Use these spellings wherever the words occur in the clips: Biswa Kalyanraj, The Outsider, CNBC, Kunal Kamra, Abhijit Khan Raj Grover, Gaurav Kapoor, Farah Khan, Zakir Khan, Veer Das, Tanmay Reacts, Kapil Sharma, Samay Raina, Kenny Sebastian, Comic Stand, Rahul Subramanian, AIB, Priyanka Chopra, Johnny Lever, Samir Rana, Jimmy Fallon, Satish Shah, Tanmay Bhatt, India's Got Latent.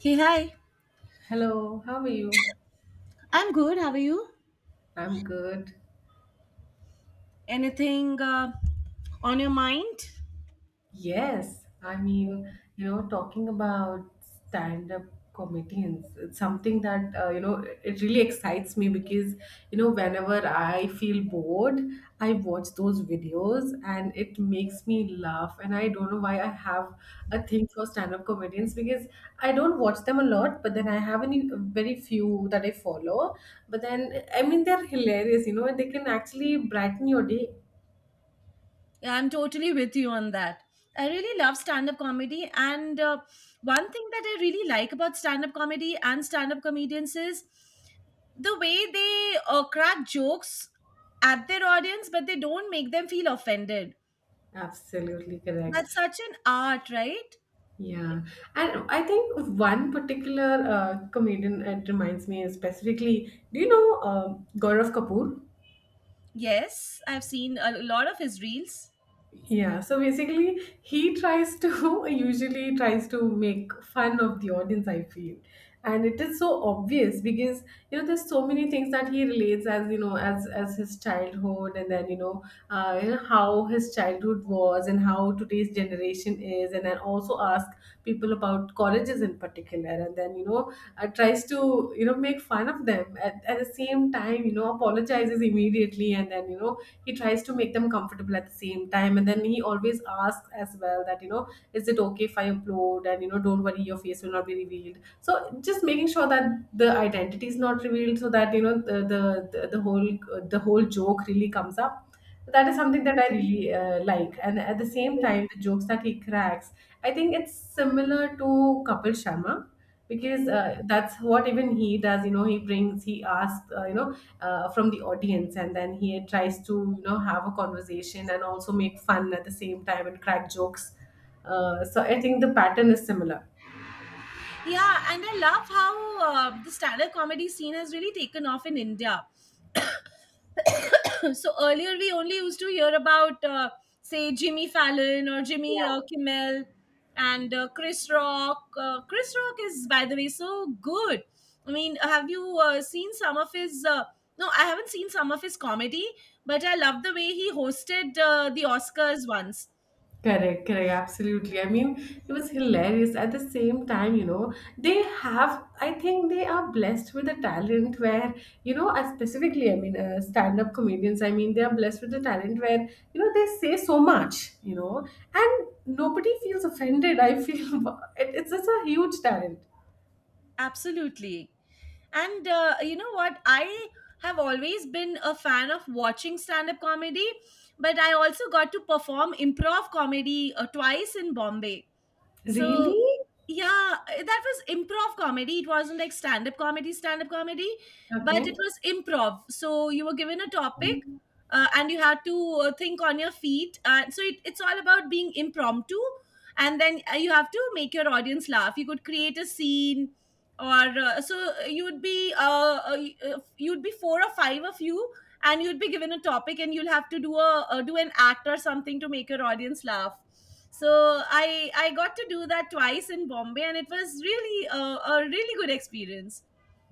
Hey, hi. Hello, how are you? I'm good. How are you? I'm good. Anything on your mind? Yes, I mean, talking about stand-up comedians, it's something that, it really excites me because, whenever I feel bored, I watch those videos and it makes me laugh. And I don't know why I have a thing for stand-up comedians because I don't watch them a lot, but then I have any very few that I follow. But then, I mean, they're hilarious, and they can actually brighten your day. Yeah, I'm totally with you on that. I really love stand up comedy. And one thing that I really like about stand up comedy and stand up comedians is the way they crack jokes at their audience, but they don't make them feel offended. Absolutely correct. That's such an art, right? Yeah. And I think one particular comedian it reminds me is specifically, do you know Gaurav Kapoor? Yes, I've seen a lot of his reels. Yeah, so basically, he tries to usually tries to make fun of the audience, I feel. And it is so obvious because there's so many things that he relates as as his childhood, and then how his childhood was and how today's generation is, and then also ask people about colleges in particular, and then tries to make fun of them at the same time, apologizes immediately, and then he tries to make them comfortable at the same time, and then he always asks as well that is it okay if I upload, and don't worry, your face will not be revealed, so just making sure that the identity is not revealed, so that the, the whole the whole joke really comes up. That is something that I really like, and at the same time the jokes that he cracks, I think it's similar to Kapil Sharma, because that's what even he does. He asks from the audience, and then he tries to have a conversation and also make fun at the same time and crack jokes. So I think the pattern is similar. Yeah, and I love how the stand-up comedy scene has really taken off in India. So earlier, we only used to hear about, say, Jimmy Fallon or Jimmy Yeah. Kimmel and Chris Rock. Chris Rock is, by the way, so good. I mean, have you seen some of his? No, I haven't seen some of his comedy, but I love the way he hosted the Oscars once. Correct, correct, absolutely. I mean, it was hilarious. At the same time, they have, I think they are blessed with a talent where, I specifically, I mean, stand up comedians, I mean, they are blessed with a talent where, they say so much, and nobody feels offended. I feel it's just a huge talent. Absolutely. And you know what? I have always been a fan of watching stand up comedy, but I also got to perform improv comedy twice in Bombay. So Really? yeah, that was improv comedy. It wasn't like stand up comedy, but it Okay. was improv. So you were given a topic. And you had to think on your feet. So it's all about being impromptu. And then you have to make your audience laugh. You could create a scene, or so uh, you would be four or five of you, and you'll be given a topic and you'll have to do a do an act or something to make your audience laugh. So I got to do that twice in Bombay, and it was really a really good experience.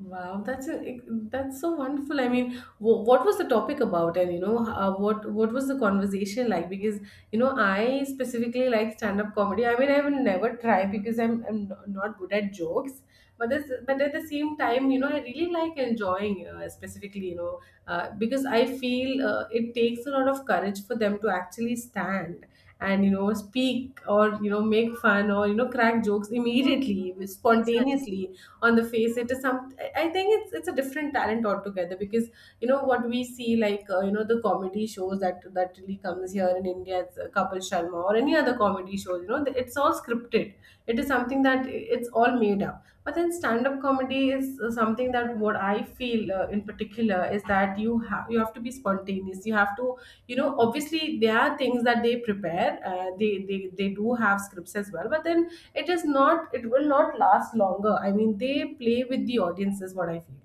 Wow, that's a, that's so wonderful. I mean, what was the topic about, and what was the conversation like? Because I specifically like stand up comedy. I mean, I will never try because I'm not good at jokes. But this, but at the same time, I really like enjoying, specifically, because I feel it takes a lot of courage for them to actually stand and speak or make fun or crack jokes immediately, Exactly. spontaneously, on the face. It is some I think it's a different talent altogether, because what we see, like, the comedy shows that really comes here in India, it's Kapil Sharma or any other comedy shows, it's all scripted. It is something that it's all made up. But then stand-up comedy is something that, what I feel in particular, is that you have to be spontaneous. You have to, obviously, there are things that they prepare. They do have scripts as well, but then it will not last longer. I mean, they play with the audience is what I feel.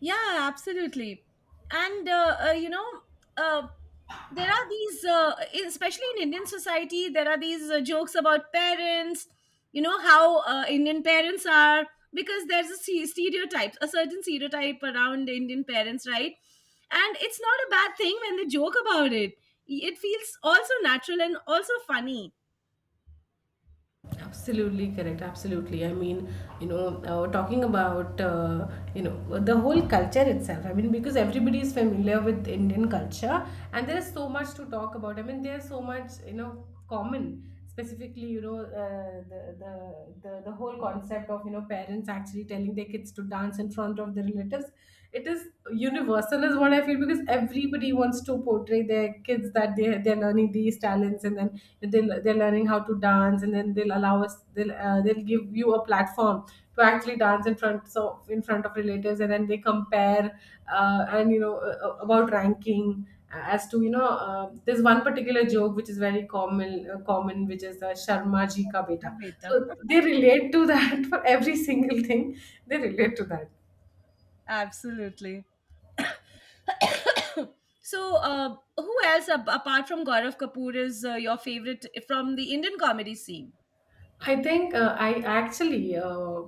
Yeah, absolutely. And uh, uh, you know, uh, there are these, especially in Indian society, there are these jokes about parents. You know how Indian parents are, because there's a stereotype, a certain stereotype around Indian parents, right? And it's not a bad thing when they joke about it. It feels also natural and also funny. Absolutely correct. Absolutely. I mean, talking about the whole culture itself. I mean, because everybody is familiar with Indian culture, and there is so much to talk about. I mean, there's so much common. Specifically, the whole concept of parents actually telling their kids to dance in front of their relatives, it is universal, is what I feel, because everybody wants to portray by their kids that they're learning these talents, and then they're learning how to dance, and then they'll allow us they'll give you a platform to actually dance in front of relatives, and then they compare, and about ranking, as to there's one particular joke which is very common, which is Sharma ji ka Yeah, beta. beta. So they relate to that for every single thing, they relate to that. Absolutely. So, who else apart from Gaurav Kapoor is your favorite from the Indian comedy scene? I think I actually uh,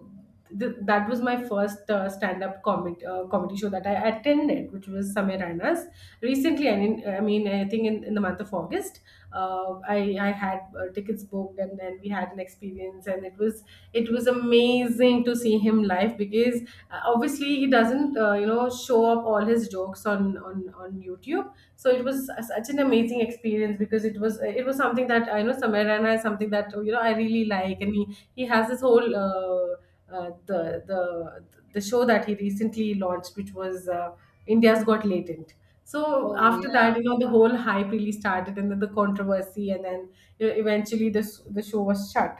th- that was my first stand-up comedy show that I attended, which was Samirana's. Recently, I mean, I think in the month of August, I had tickets booked, and then we had an experience, and it was amazing to see him live, because obviously he doesn't show up all his jokes on on YouTube. So it was such an amazing experience, because it was something that I know. Samir Rana is something that I really like, and he has this whole the show that he recently launched, which was India's Got Latent. So Oh after yeah, that, the whole hype really started, and then the controversy, and then eventually this the show was shut.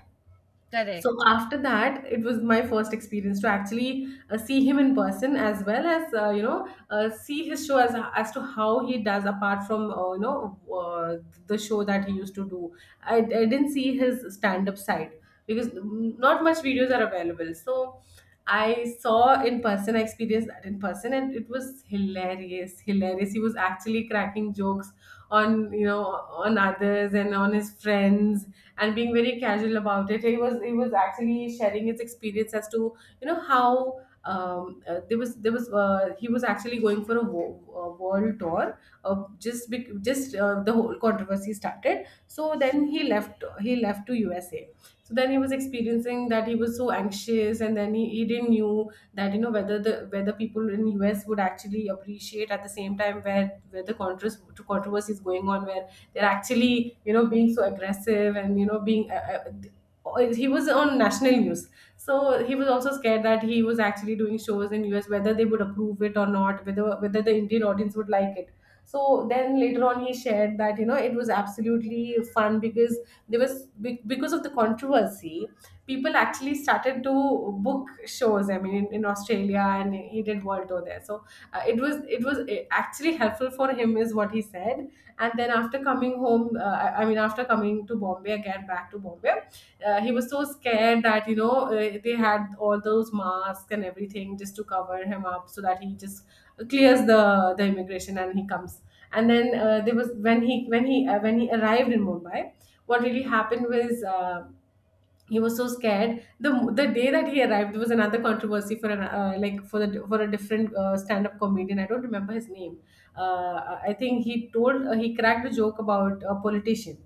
So correct. after that, it was my first experience to actually see him in person, as well as see his show as to how he does, apart from the show that he used to do. I didn't see his stand up side because, not much videos are available. So I saw in person, I experienced that in person, and it was hilarious, hilarious. He was actually cracking jokes on on others and on his friends, and being very casual about it. He was actually sharing his experience as to how, there was he was actually going for a world tour. Just the whole controversy started. So then he left to USA. So then he was experiencing that he was so anxious, and then he didn't knew that whether people in US would actually appreciate, at the same time where the controversy is going on, where they're actually being so aggressive, and you know being he was on national news. So he was also scared that he was actually doing shows in US, whether they would approve it or not, whether the Indian audience would like it. So then later on he shared that it was absolutely fun, because because of the controversy, people actually started to book shows. I mean, in Australia, and he did world tour there. So it was, actually helpful for him is what he said. And then after coming home, I mean, after coming to Bombay, again back to Bombay, he was so scared that, they had all those masks and everything, just to cover him up so that he just clears the immigration and he comes. And then, there was when he when he when he arrived in Mumbai, what really happened was, he was so scared. The day that he arrived was another controversy, for an like, for a different stand up comedian. I don't remember his name. I think he told, he cracked a joke about a politician.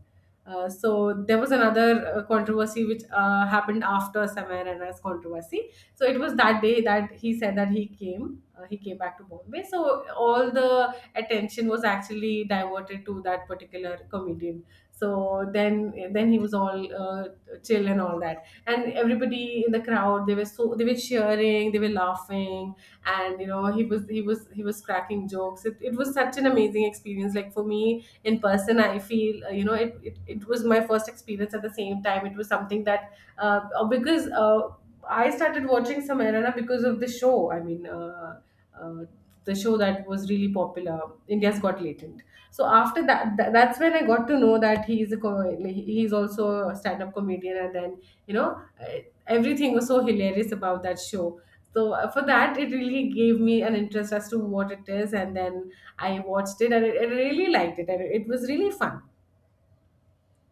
So there was another controversy which happened after Samir Rana's controversy. So it was that day that he said that he came, he came, back to Bombay. So all the attention was actually diverted to that particular comedian. So then he was all chill and all that, and everybody in the crowd, they were, so they were cheering, they were laughing. And you know, he was cracking jokes. It was such an amazing experience. Like for me in person, I feel, you know, it was my first experience. At the same time, it was something that because I started watching Samarana because of the show, I mean, uh, the show that was really popular, India's Got Latent. So after that, that's when I got to know that he's also a stand-up comedian. And then, you know, everything was so hilarious about that show. So for that, it really gave me an interest as to what it is. And then I watched it, and I really liked it, and it was really fun.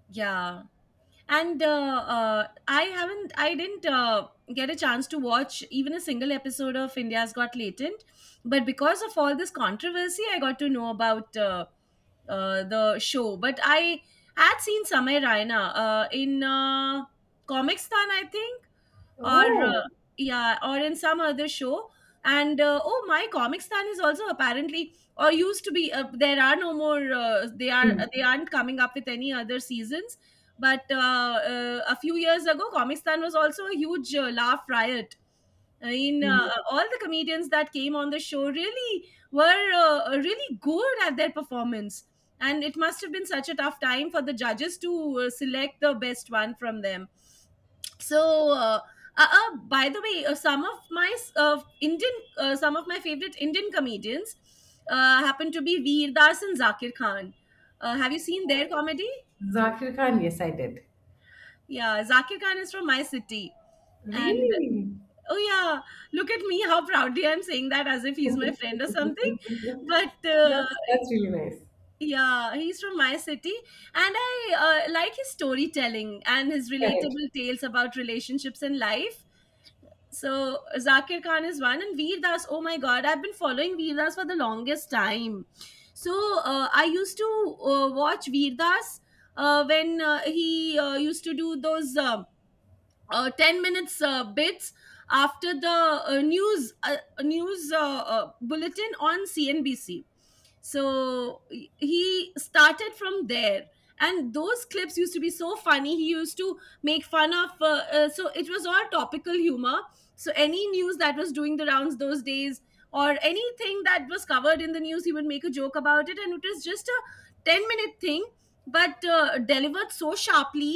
Yeah, and I haven't I didn't get a chance to watch even a single episode of India's Got Latent, but because of all this controversy I got to know about the show. But I had seen Samay Raina in Comics Stan, I think, or uh, Oh. yeah, or in some other show. And oh, my Comic Stand is also apparently or used to be there are no more, they are Hmm. they aren't coming up with any other seasons, but a few years ago Comic Stand was also a huge laugh riot. I mean, Hmm. All the comedians that came on the show really were really good at their performance, and it must have been such a tough time for the judges to select the best one from them. So by the way, some of my Indian, some of my favorite Indian comedians happen to be Veer Das and Zakir Khan. Have you seen their comedy? Zakir Khan, yes I did. Yeah, Zakir Khan is from my city. And Really? oh yeah, look at me how proudly I'm saying that as if he's my friend or something. But That's really nice. yeah, he's from my city. And I like his storytelling and his Correct. relatable tales about relationships and life. So Zakir Khan is one, and Veer Das. Oh my God, I've been following Veer Das for the longest time. So I used to watch Veer Das when he used to do those 10 minutes bits after the news news bulletin on CNBC. So he started from there, and those clips used to be so funny. He used to make fun of so it was all topical humor. So any news that was doing the rounds those days, or anything that was covered in the news, he would make a joke about it, and it was just a 10-minute thing, but delivered so sharply.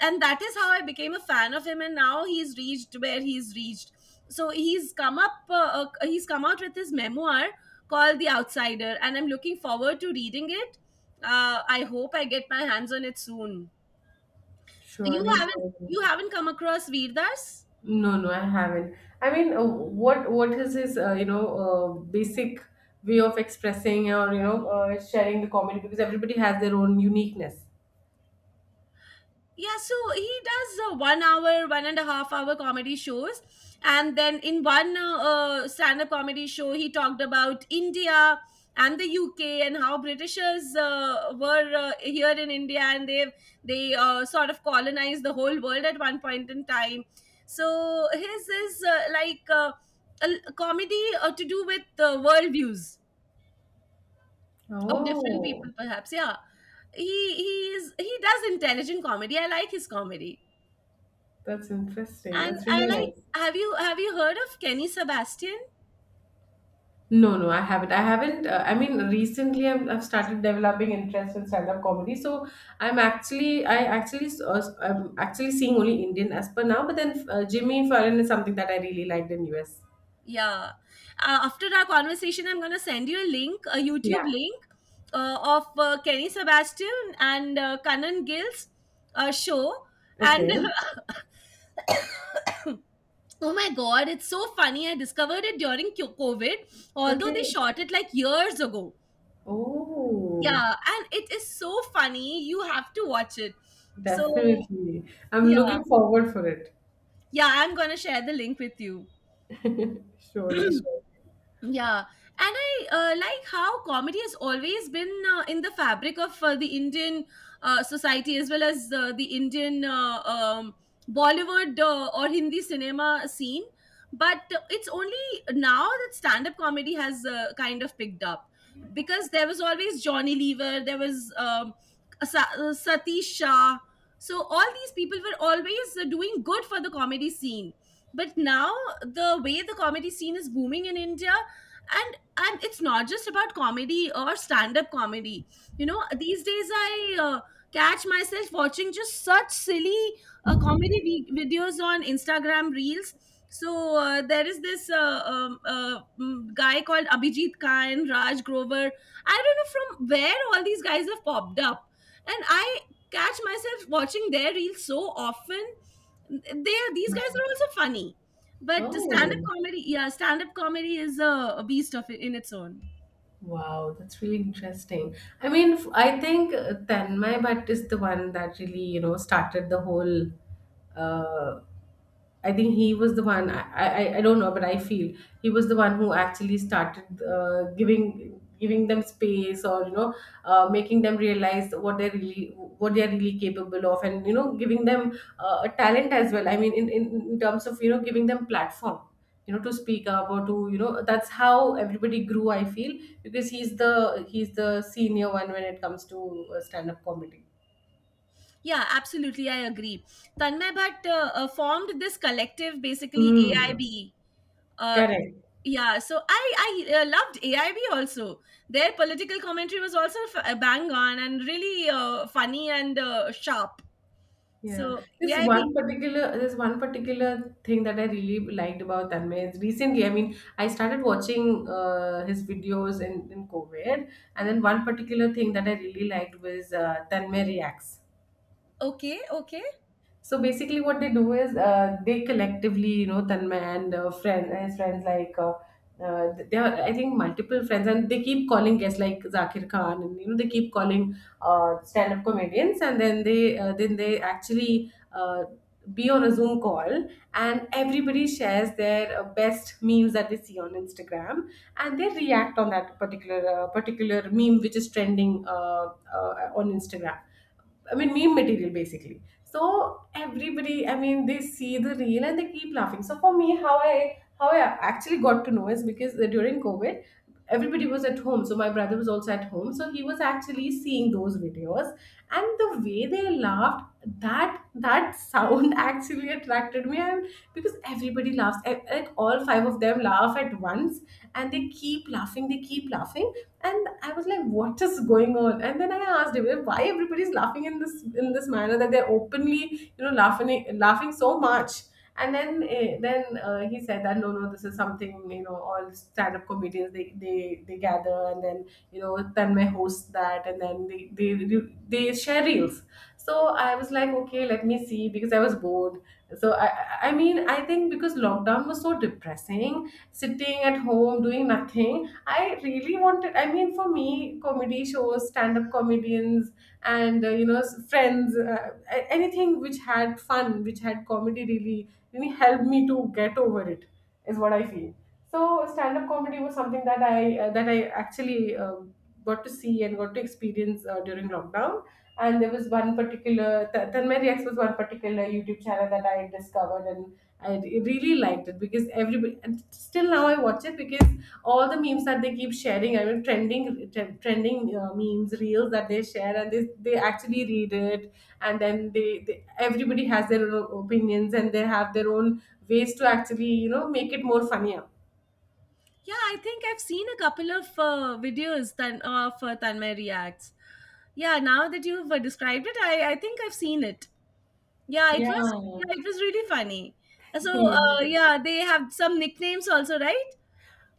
And that is how I became a fan of him, and now he's reached where he's reached. So he's come out with his memoir called The Outsider, and I'm looking forward to reading it. I hope I get my hands on it soon. You Surely, haven't surely. Come across Veerdas? No, no, I haven't. I mean, what is his, you know, basic way of expressing, or you know, sharing the comedy, because everybody has their own uniqueness. Yeah, so he does 1 hour, 1.5 hour comedy shows. And then in one stand up comedy show, he talked about India and the UK and how Britishers were here in India, and they sort of colonized the whole world at one point in time. So his is like a comedy to do with worldviews of different people, Oh, perhaps. Yeah, he is he does intelligent comedy. I like his comedy. that's interesting. And That's I really like, nice. have you heard of Kenny Sebastian? No, no, I haven't. I haven't. I mean, recently I've started developing interest in stand-up comedy. So I actually, I'm actually seeing only Indian as per now. But then Jimmy Fallon is something that I really liked in US. Yeah. After our conversation, I'm gonna send you a link, a YouTube Yeah. link, of Kenny Sebastian and Kanan Gill's show. And Okay. oh my god, it's so funny. I discovered it during COVID, although they Okay. shot it like years ago. Oh. Yeah, and it is so funny. You have to watch it. So Definitely. I'm yeah, looking forward for it. yeah, I'm gonna share the link with you. Surely, surely. Yeah, and I like how comedy has always been in the fabric of the Indian society, as well as the Indian Bollywood or Hindi cinema scene. But it's only now that stand up comedy has kind of picked up, because there was always Johnny Lever, there was Satish Shah. So all these people were always doing good for the comedy scene. But now, the way the comedy scene is booming in India, and it's not just about comedy or stand up comedy. You know, these days I uh, catch myself watching just such silly comedy videos on Instagram reels. So there is this guy called Abhijit Khan Raj Grover. I don't know from where all these guys have popped up, and I catch myself watching their reels so often. They are These guys Hmm. are also funny. But stand-up Oh comedy, yeah, stand-up comedy is a beast of it in its own. wow, that's really interesting. I mean, I think Tanmay Bhatt is the one that really, you know, started the whole, uh, I think he was the one. I don't know, but I feel he was the one who actually started giving them space, or you know, making them realize what they're really, what they're really capable of. And you know, giving them a talent as well. I mean, in in terms of, you know, giving them platform, you know, to speak up, or to, you know, that's how everybody grew, I feel. Because he's the senior one when it comes to stand up comedy. Yeah, absolutely, I agree. Tanmay Bhatt formed this collective, basically AIB. Mm. uh, Correct. yeah, so I loved AIB also. Their political commentary was also bang on and really funny and sharp. So Yeah, this AIB. one particular this one particular thing that I really liked about Tanmay is recently, I mean, I started watching his videos in COVID, and then one particular thing that I really liked was Tanmay Reacts. Okay, okay. So basically, what they do is, they collectively, you know, Tanmay and, friend, his friends, like they are, I think, multiple friends, and they keep calling guests like Zakir Khan, and you know, they keep calling stand-up comedians, and then they actually be on a Zoom call, and everybody shares their best memes that they see on Instagram, and they react on that particular, particular meme which is trending on Instagram. I mean, meme material basically. So everybody, I mean, they see the reel and they keep laughing. So for me, how I actually got to know is because during COVID, everybody was at home. So my brother was also at home. So he was actually seeing those videos, and the way they laughed, that sound actually attracted me. I, because everybody laughs. Like all five of them laugh at once, and they keep laughing, they keep laughing. And I was like, what is going on? And then I asked him, "Well, why everybody's laughing in this manner that they're openly, you know, laughing so much." And then he said that, no no, this is something, you know, all stand up comedians, they, they gather, and then you know, Tanmay hosts that, and then they share reels. So I was like, okay, let me see, because I was bored. So I I mean, I think because lockdown was so depressing, sitting at home doing nothing. I really wanted, I mean, for me, comedy shows, stand up comedians, and you know, friends, anything which had fun, which had comedy, really really helped me to get over it, is what I feel. So stand up comedy was something that I actually got to see, and got to experience during lockdown. And there was one particular, Tanmay Reacts was one particular YouTube channel that I discovered, and I really liked it, because everybody, and still now I watch it because all the memes that they keep sharing, I mean trending, trending memes, reels that they share, and they actually read it, and then they everybody has their own opinions, and they have their own ways to actually, you know, make it more funnier. Yeah, I think I've seen a couple of videos tan- of Tanmay Reacts. Yeah, now that you've described it, I think I've seen it. Yeah, it was. Yeah. Yeah, it was really funny. So, Yes. Yeah, they have some nicknames also, right?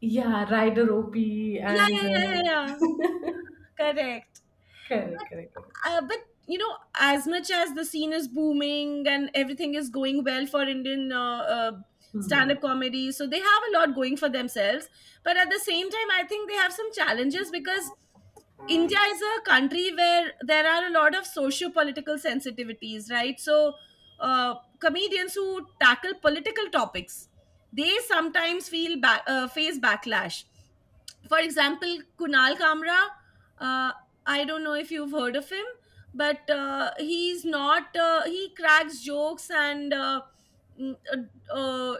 Yeah, Rider OP Yeah, and yeah, yeah, yeah, yeah. Correct. But, correct, correct, correct. uh, but you know, as much as the scene is booming and everything is going well for Indian Hmm. stand-up comedy, so they have a lot going for themselves. But at the same time, I think they have some challenges, because India is a country where there are a lot of socio-political sensitivities, right? So comedians who tackle political topics, they sometimes feel face backlash. For example, Kunal Kamra. uh, I don't know if you've heard of him, but he's not he cracks jokes and mm, uh, uh,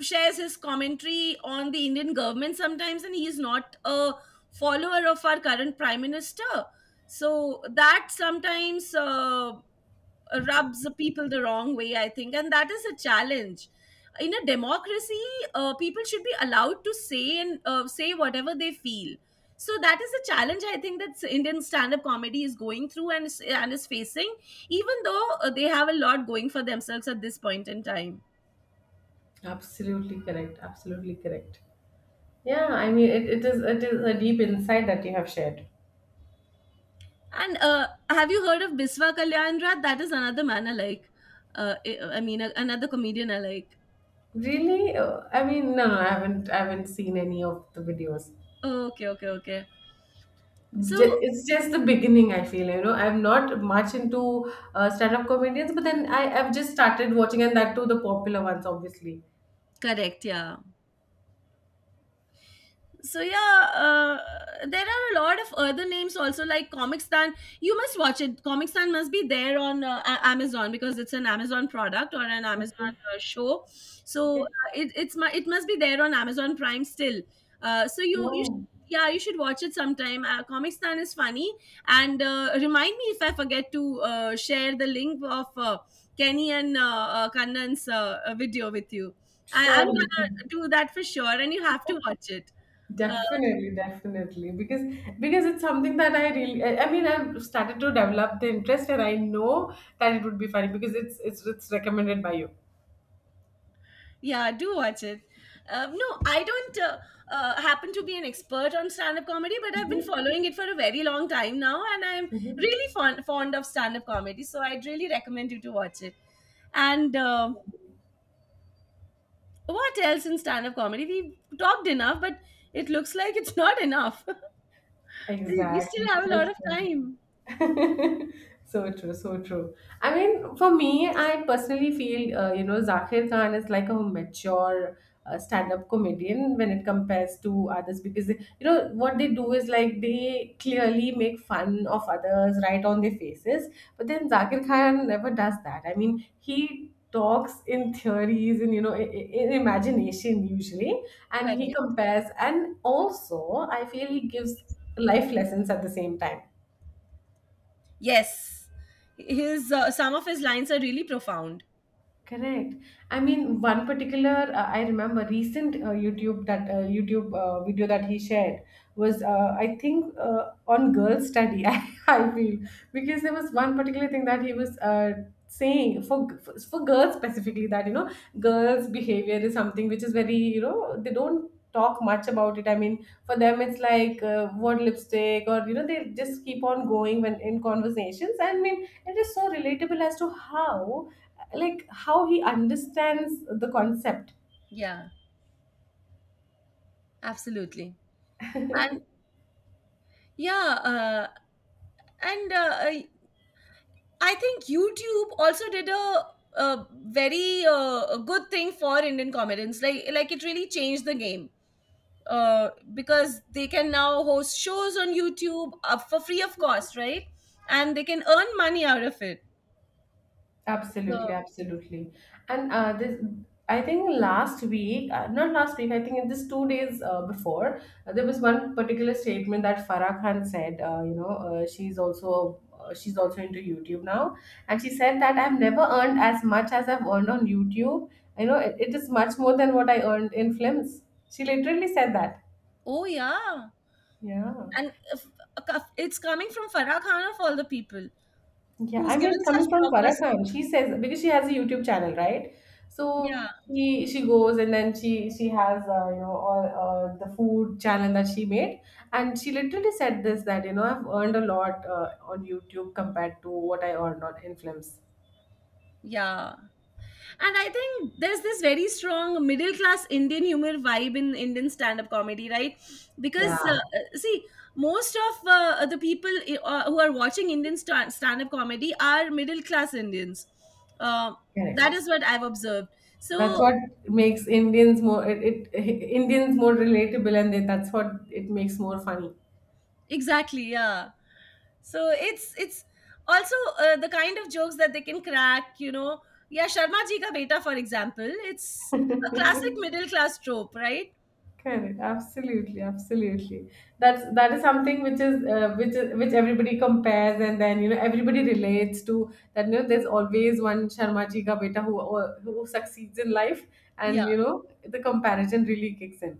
shares his commentary on the Indian government sometimes, and he's not a follower of our current prime minister. So that sometimes rubs people the wrong way, I think, and that is a challenge. In a democracy, people should be allowed to say and say whatever they feel. So that is a challenge, I think, that Indian stand-up comedy is going through and and is facing, even though they have a lot going for themselves at this point in time. Absolutely correct. Absolutely correct. Yeah, I mean, it is a deep insight that you have shared. And have you heard of Biswa Kalyanraj? That is another man I like. I mean, another comedian I like. Really? I mean, no, no, I haven't seen any of the videos. Okay, okay, okay. So It's just the beginning. I feel, you know, I'm not much into stand-up comedians, but then I've just started watching, and that too the popular ones, obviously. correct, yeah. so yeah uh, there are a lot of other names also, like Comic Stand. You must watch it. Comic Stand must be there on Amazon because it's an Amazon product or an Amazon Okay. Show. So Okay. It, it's my it must be there on Amazon Prime still. So you should, Oh, yeah, you should watch it sometime. Comic Stand is funny. And remind me if I forget to share the link of Kenny and Kannan's video with you. I'm surely. gonna do that for sure, and you have to watch it. uh, Definitely, definitely, because it's something that I really, I mean, I've started to develop the interest, and I know that it would be funny because it's recommended by you. yeah, do watch it. No, I don't happen to be an expert on stand up comedy, but I've been Mm-hmm. following it for a very long time now, and I'm Mm-hmm. really fond of stand up comedy. So I'd really recommend you to watch it. And what else in stand up comedy? We talked enough, but it looks like it's not enough. We still Exactly. have a So lot of true. time. So true, so true. I mean, for me, I personally feel, you know, Zakir Khan is like a mature stand-up comedian when it compares to others, because, you know, what they do is like they clearly make fun of others right on their faces. But then Zakir Khan never does that. I mean, he talks in theories and, you know, in imagination usually, and he Correct. compares. And also, I feel he gives life lessons at the same time. Yes. His some of his lines are really profound. Correct. I mean, one particular, I remember recent YouTube, that YouTube video that he shared was, I think on girls study. I feel because there was one particular thing that he was saying for, for girls specifically that, you know, girls' behavior is something which is very, you know, they don't talk much about it. I mean, for them it's like, word lipstick, or you know, they just keep on going when in conversations. I mean, it is so relatable as to how, like how he understands the concept. Yeah, absolutely. And yeah, and I think YouTube also did a very good thing for Indian comedians. Like it really changed the game because they can now host shows on YouTube for free of cost, right? And they can earn money out of it. So Absolutely, absolutely. And this, I think last week, not last week, I think in this 2 days before, there was one particular statement that Farah Khan said, you know, she's also into YouTube now, and she said that I've never earned as much as I've earned on YouTube. You know, it is much more than what I earned in films. She literally said that. oh yeah, Yeah. and if, it's coming from Farah Khan of all the people Yeah, who's I mean, given it's such coming from Farah Khan. blockbusters. She says because she has a YouTube channel, right? So Yeah. she goes, and then she has, you know, all the food channel that she made, and she literally said this that, you know, I've earned a lot on YouTube compared to what I earned on in films. Yeah. And I think there's this very strong middle class Indian humor vibe in Indian stand up comedy, right? Yeah, Because, see, most of the people who are watching Indian stand up comedy are middle class Indians. Uh, that correct. is what I've observed. That's So, what makes Indians more, it Indians more relatable, and they, that's what it makes more funny. exactly, yeah. So it's also the kind of jokes that they can crack, you know. Yeah, Sharma ji ka beta, for example, it's a classic middle class trope, right? Correct. Absolutely. Absolutely. That is something which is, which everybody compares, and then you know, everybody relates to that. You know, there's always one Sharma ji ka beta who succeeds in life, and Yeah. you know, the comparison really kicks in.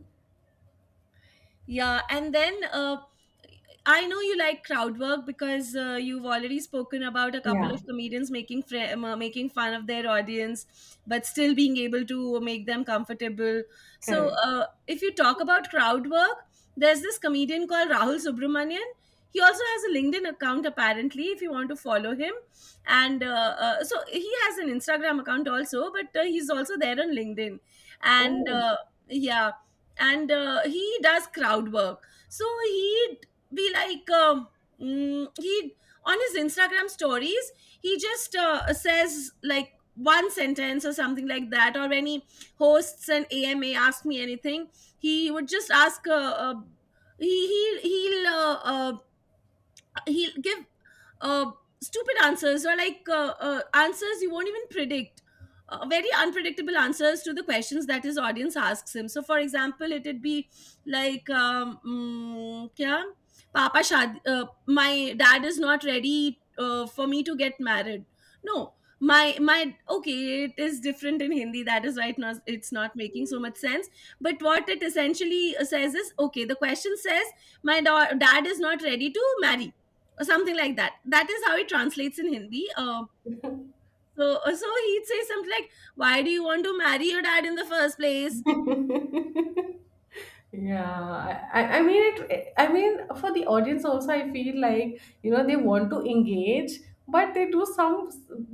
Yeah, and then I know you like crowd work because you've already spoken about a couple Yeah. of comedians making making fun of their audience, but still being able to make them comfortable. So, Correct. If you talk about crowd work, there's this comedian called Rahul Subramanian. He also has a LinkedIn account apparently. If you want to follow him, and so he has an Instagram account also, but he's also there on LinkedIn, and Oh. Yeah, and he does crowd work. So he be like mm, he, on his Instagram stories, he just says like one sentence or something like that. Or when he hosts an AMA, ask me anything, he would just ask he he he'll uh, uh, he'll give uh, stupid answers, or like answers you won't even predict, very unpredictable answers to the questions that his audience asks him. So for example, it'd be like, kya? Papa shadi, my dad is not ready for me to get married. No, my my, okay, it is different in Hindi, that is why it's not making so much sense. But what it essentially says is, okay, the question says my dad is not ready to marry, or something like that. That is how it translates in Hindi. So he'd say something like, "Why do you want to marry your dad in the first place?" Yeah, I mean it. I mean, for the audience also, I feel like, you know, they want to engage, but they do some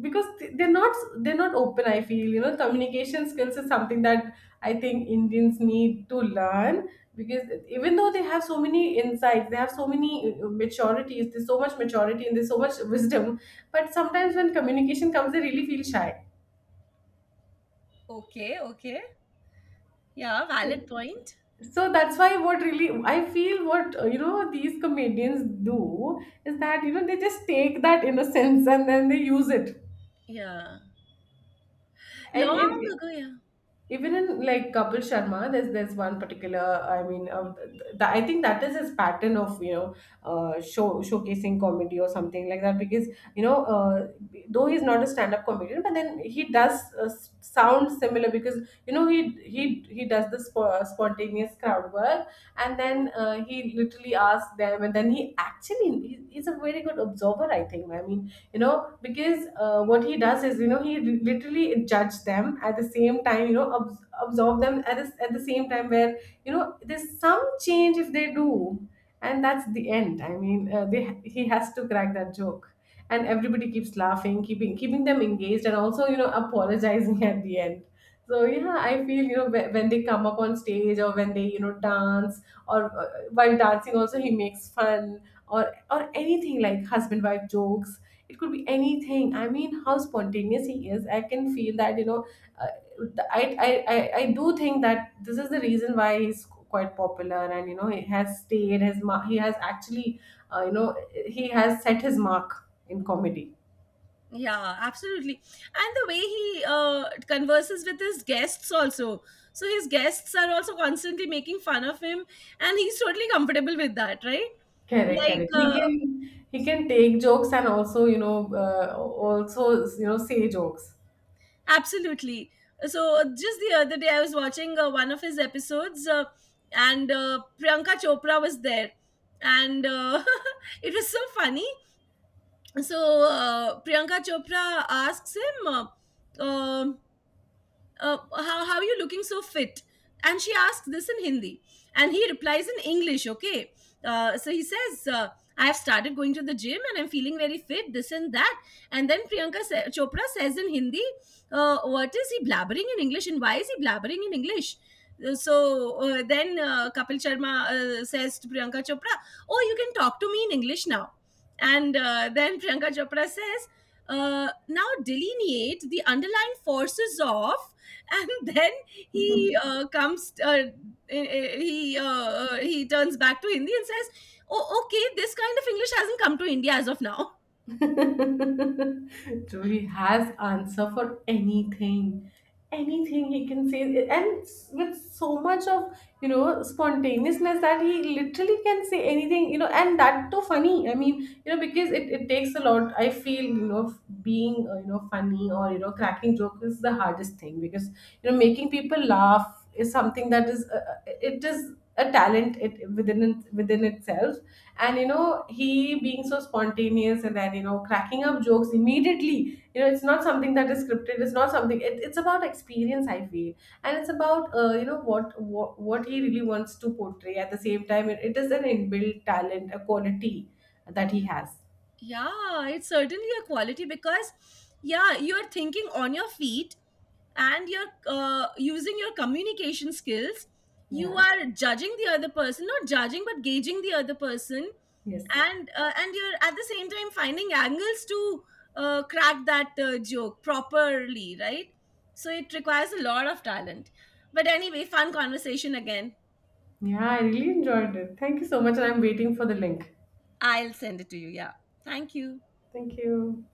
because they're not open. I feel, you know, communication skills is something that I think Indians need to learn, because even though they have so many insights, they have so many maturities. There's so much maturity and there's so much wisdom, but sometimes when communication comes, they really feel shy. Okay, okay, yeah, valid point. So that's why what really I feel, what, you know, these comedians do is that, you know, they just take that innocence and then they use it. Yeah, and, long and ago, yeah, even in like Kapil Sharma, there's one particular. I mean, I think that is his pattern of, you know, showcasing comedy or something like that. Because, you know, though he's not a stand-up comedian, but then he does sound similar, because, you know, he does the spontaneous crowd work, and then he literally asks them, and then he's a very good observer, I think. I mean, you know, because, what he does is, you know, he literally judges them at the same time, you know, absorb them at at the same time, where, you know, there's some change if they do, and that's the end. I mean, he has to crack that joke, and everybody keeps laughing, keeping them engaged, and also, you know, apologizing at the end. So yeah, I feel, you know, when they come up on stage, or when they, you know, dance, or while dancing also, he makes fun, or anything like husband wife jokes. It could be anything. I mean, how spontaneous he is, I can feel that, you know. Uh, I, I i i do think that this is the reason why he's quite popular, and you know, he has stayed his mark, he has actually, you know, he has set his mark in comedy. yeah, absolutely. And the way he converses with his guests also. So his guests are also constantly making fun of him, and he's totally comfortable with that, right? Correct, Like, correct. he can he can take jokes, and also, you know, also, you know, say jokes. absolutely. So just the other day, I was watching one of his episodes, and Priyanka Chopra was there, and it was so funny. So Priyanka Chopra asks him, uh, how are you looking so fit? And she asks this in Hindi. And he replies in English, okay? So he says, I've started going to the gym and I'm feeling very fit, this and that. And then Chopra says in Hindi, what is he blabbering in English and why is he blabbering in English? So then Kapil Sharma says to Priyanka Chopra, oh, you can talk to me in English now. And then Priyanka Chopra says, now delineate the underlying forces of, and then he he turns back to Hindi and says, oh okay, this kind of English hasn't come to India as of now. True, he has answer for anything, anything he can say, and with so much of, you know, spontaneousness, that he literally can say anything, you know, and that too funny. I mean, you know, because it takes a lot. I feel, you know, being, you know, funny or, you know, cracking joke is the hardest thing, because, you know, making people laugh is something that is, it is a talent it within within itself. And you know, he being so spontaneous, and then, you know, cracking up jokes immediately, you know, it's not something that is scripted, it's not something, it's about experience, I feel. And it's about, you know, what, what he really wants to portray at the same time. It is an inbuilt talent, a quality that he has. Yeah, it's certainly a quality because, yeah, you're thinking on your feet and you're using your communication skills. You Yeah, are judging the other person, not judging, but gauging the other person, yes, and you're at the same time finding angles to crack that joke properly, right? So it requires a lot of talent. But anyway, fun conversation again. yeah, I really enjoyed it. Thank you so much, and I'm waiting for the link. I'll send it to you. Yeah, thank you. Thank you.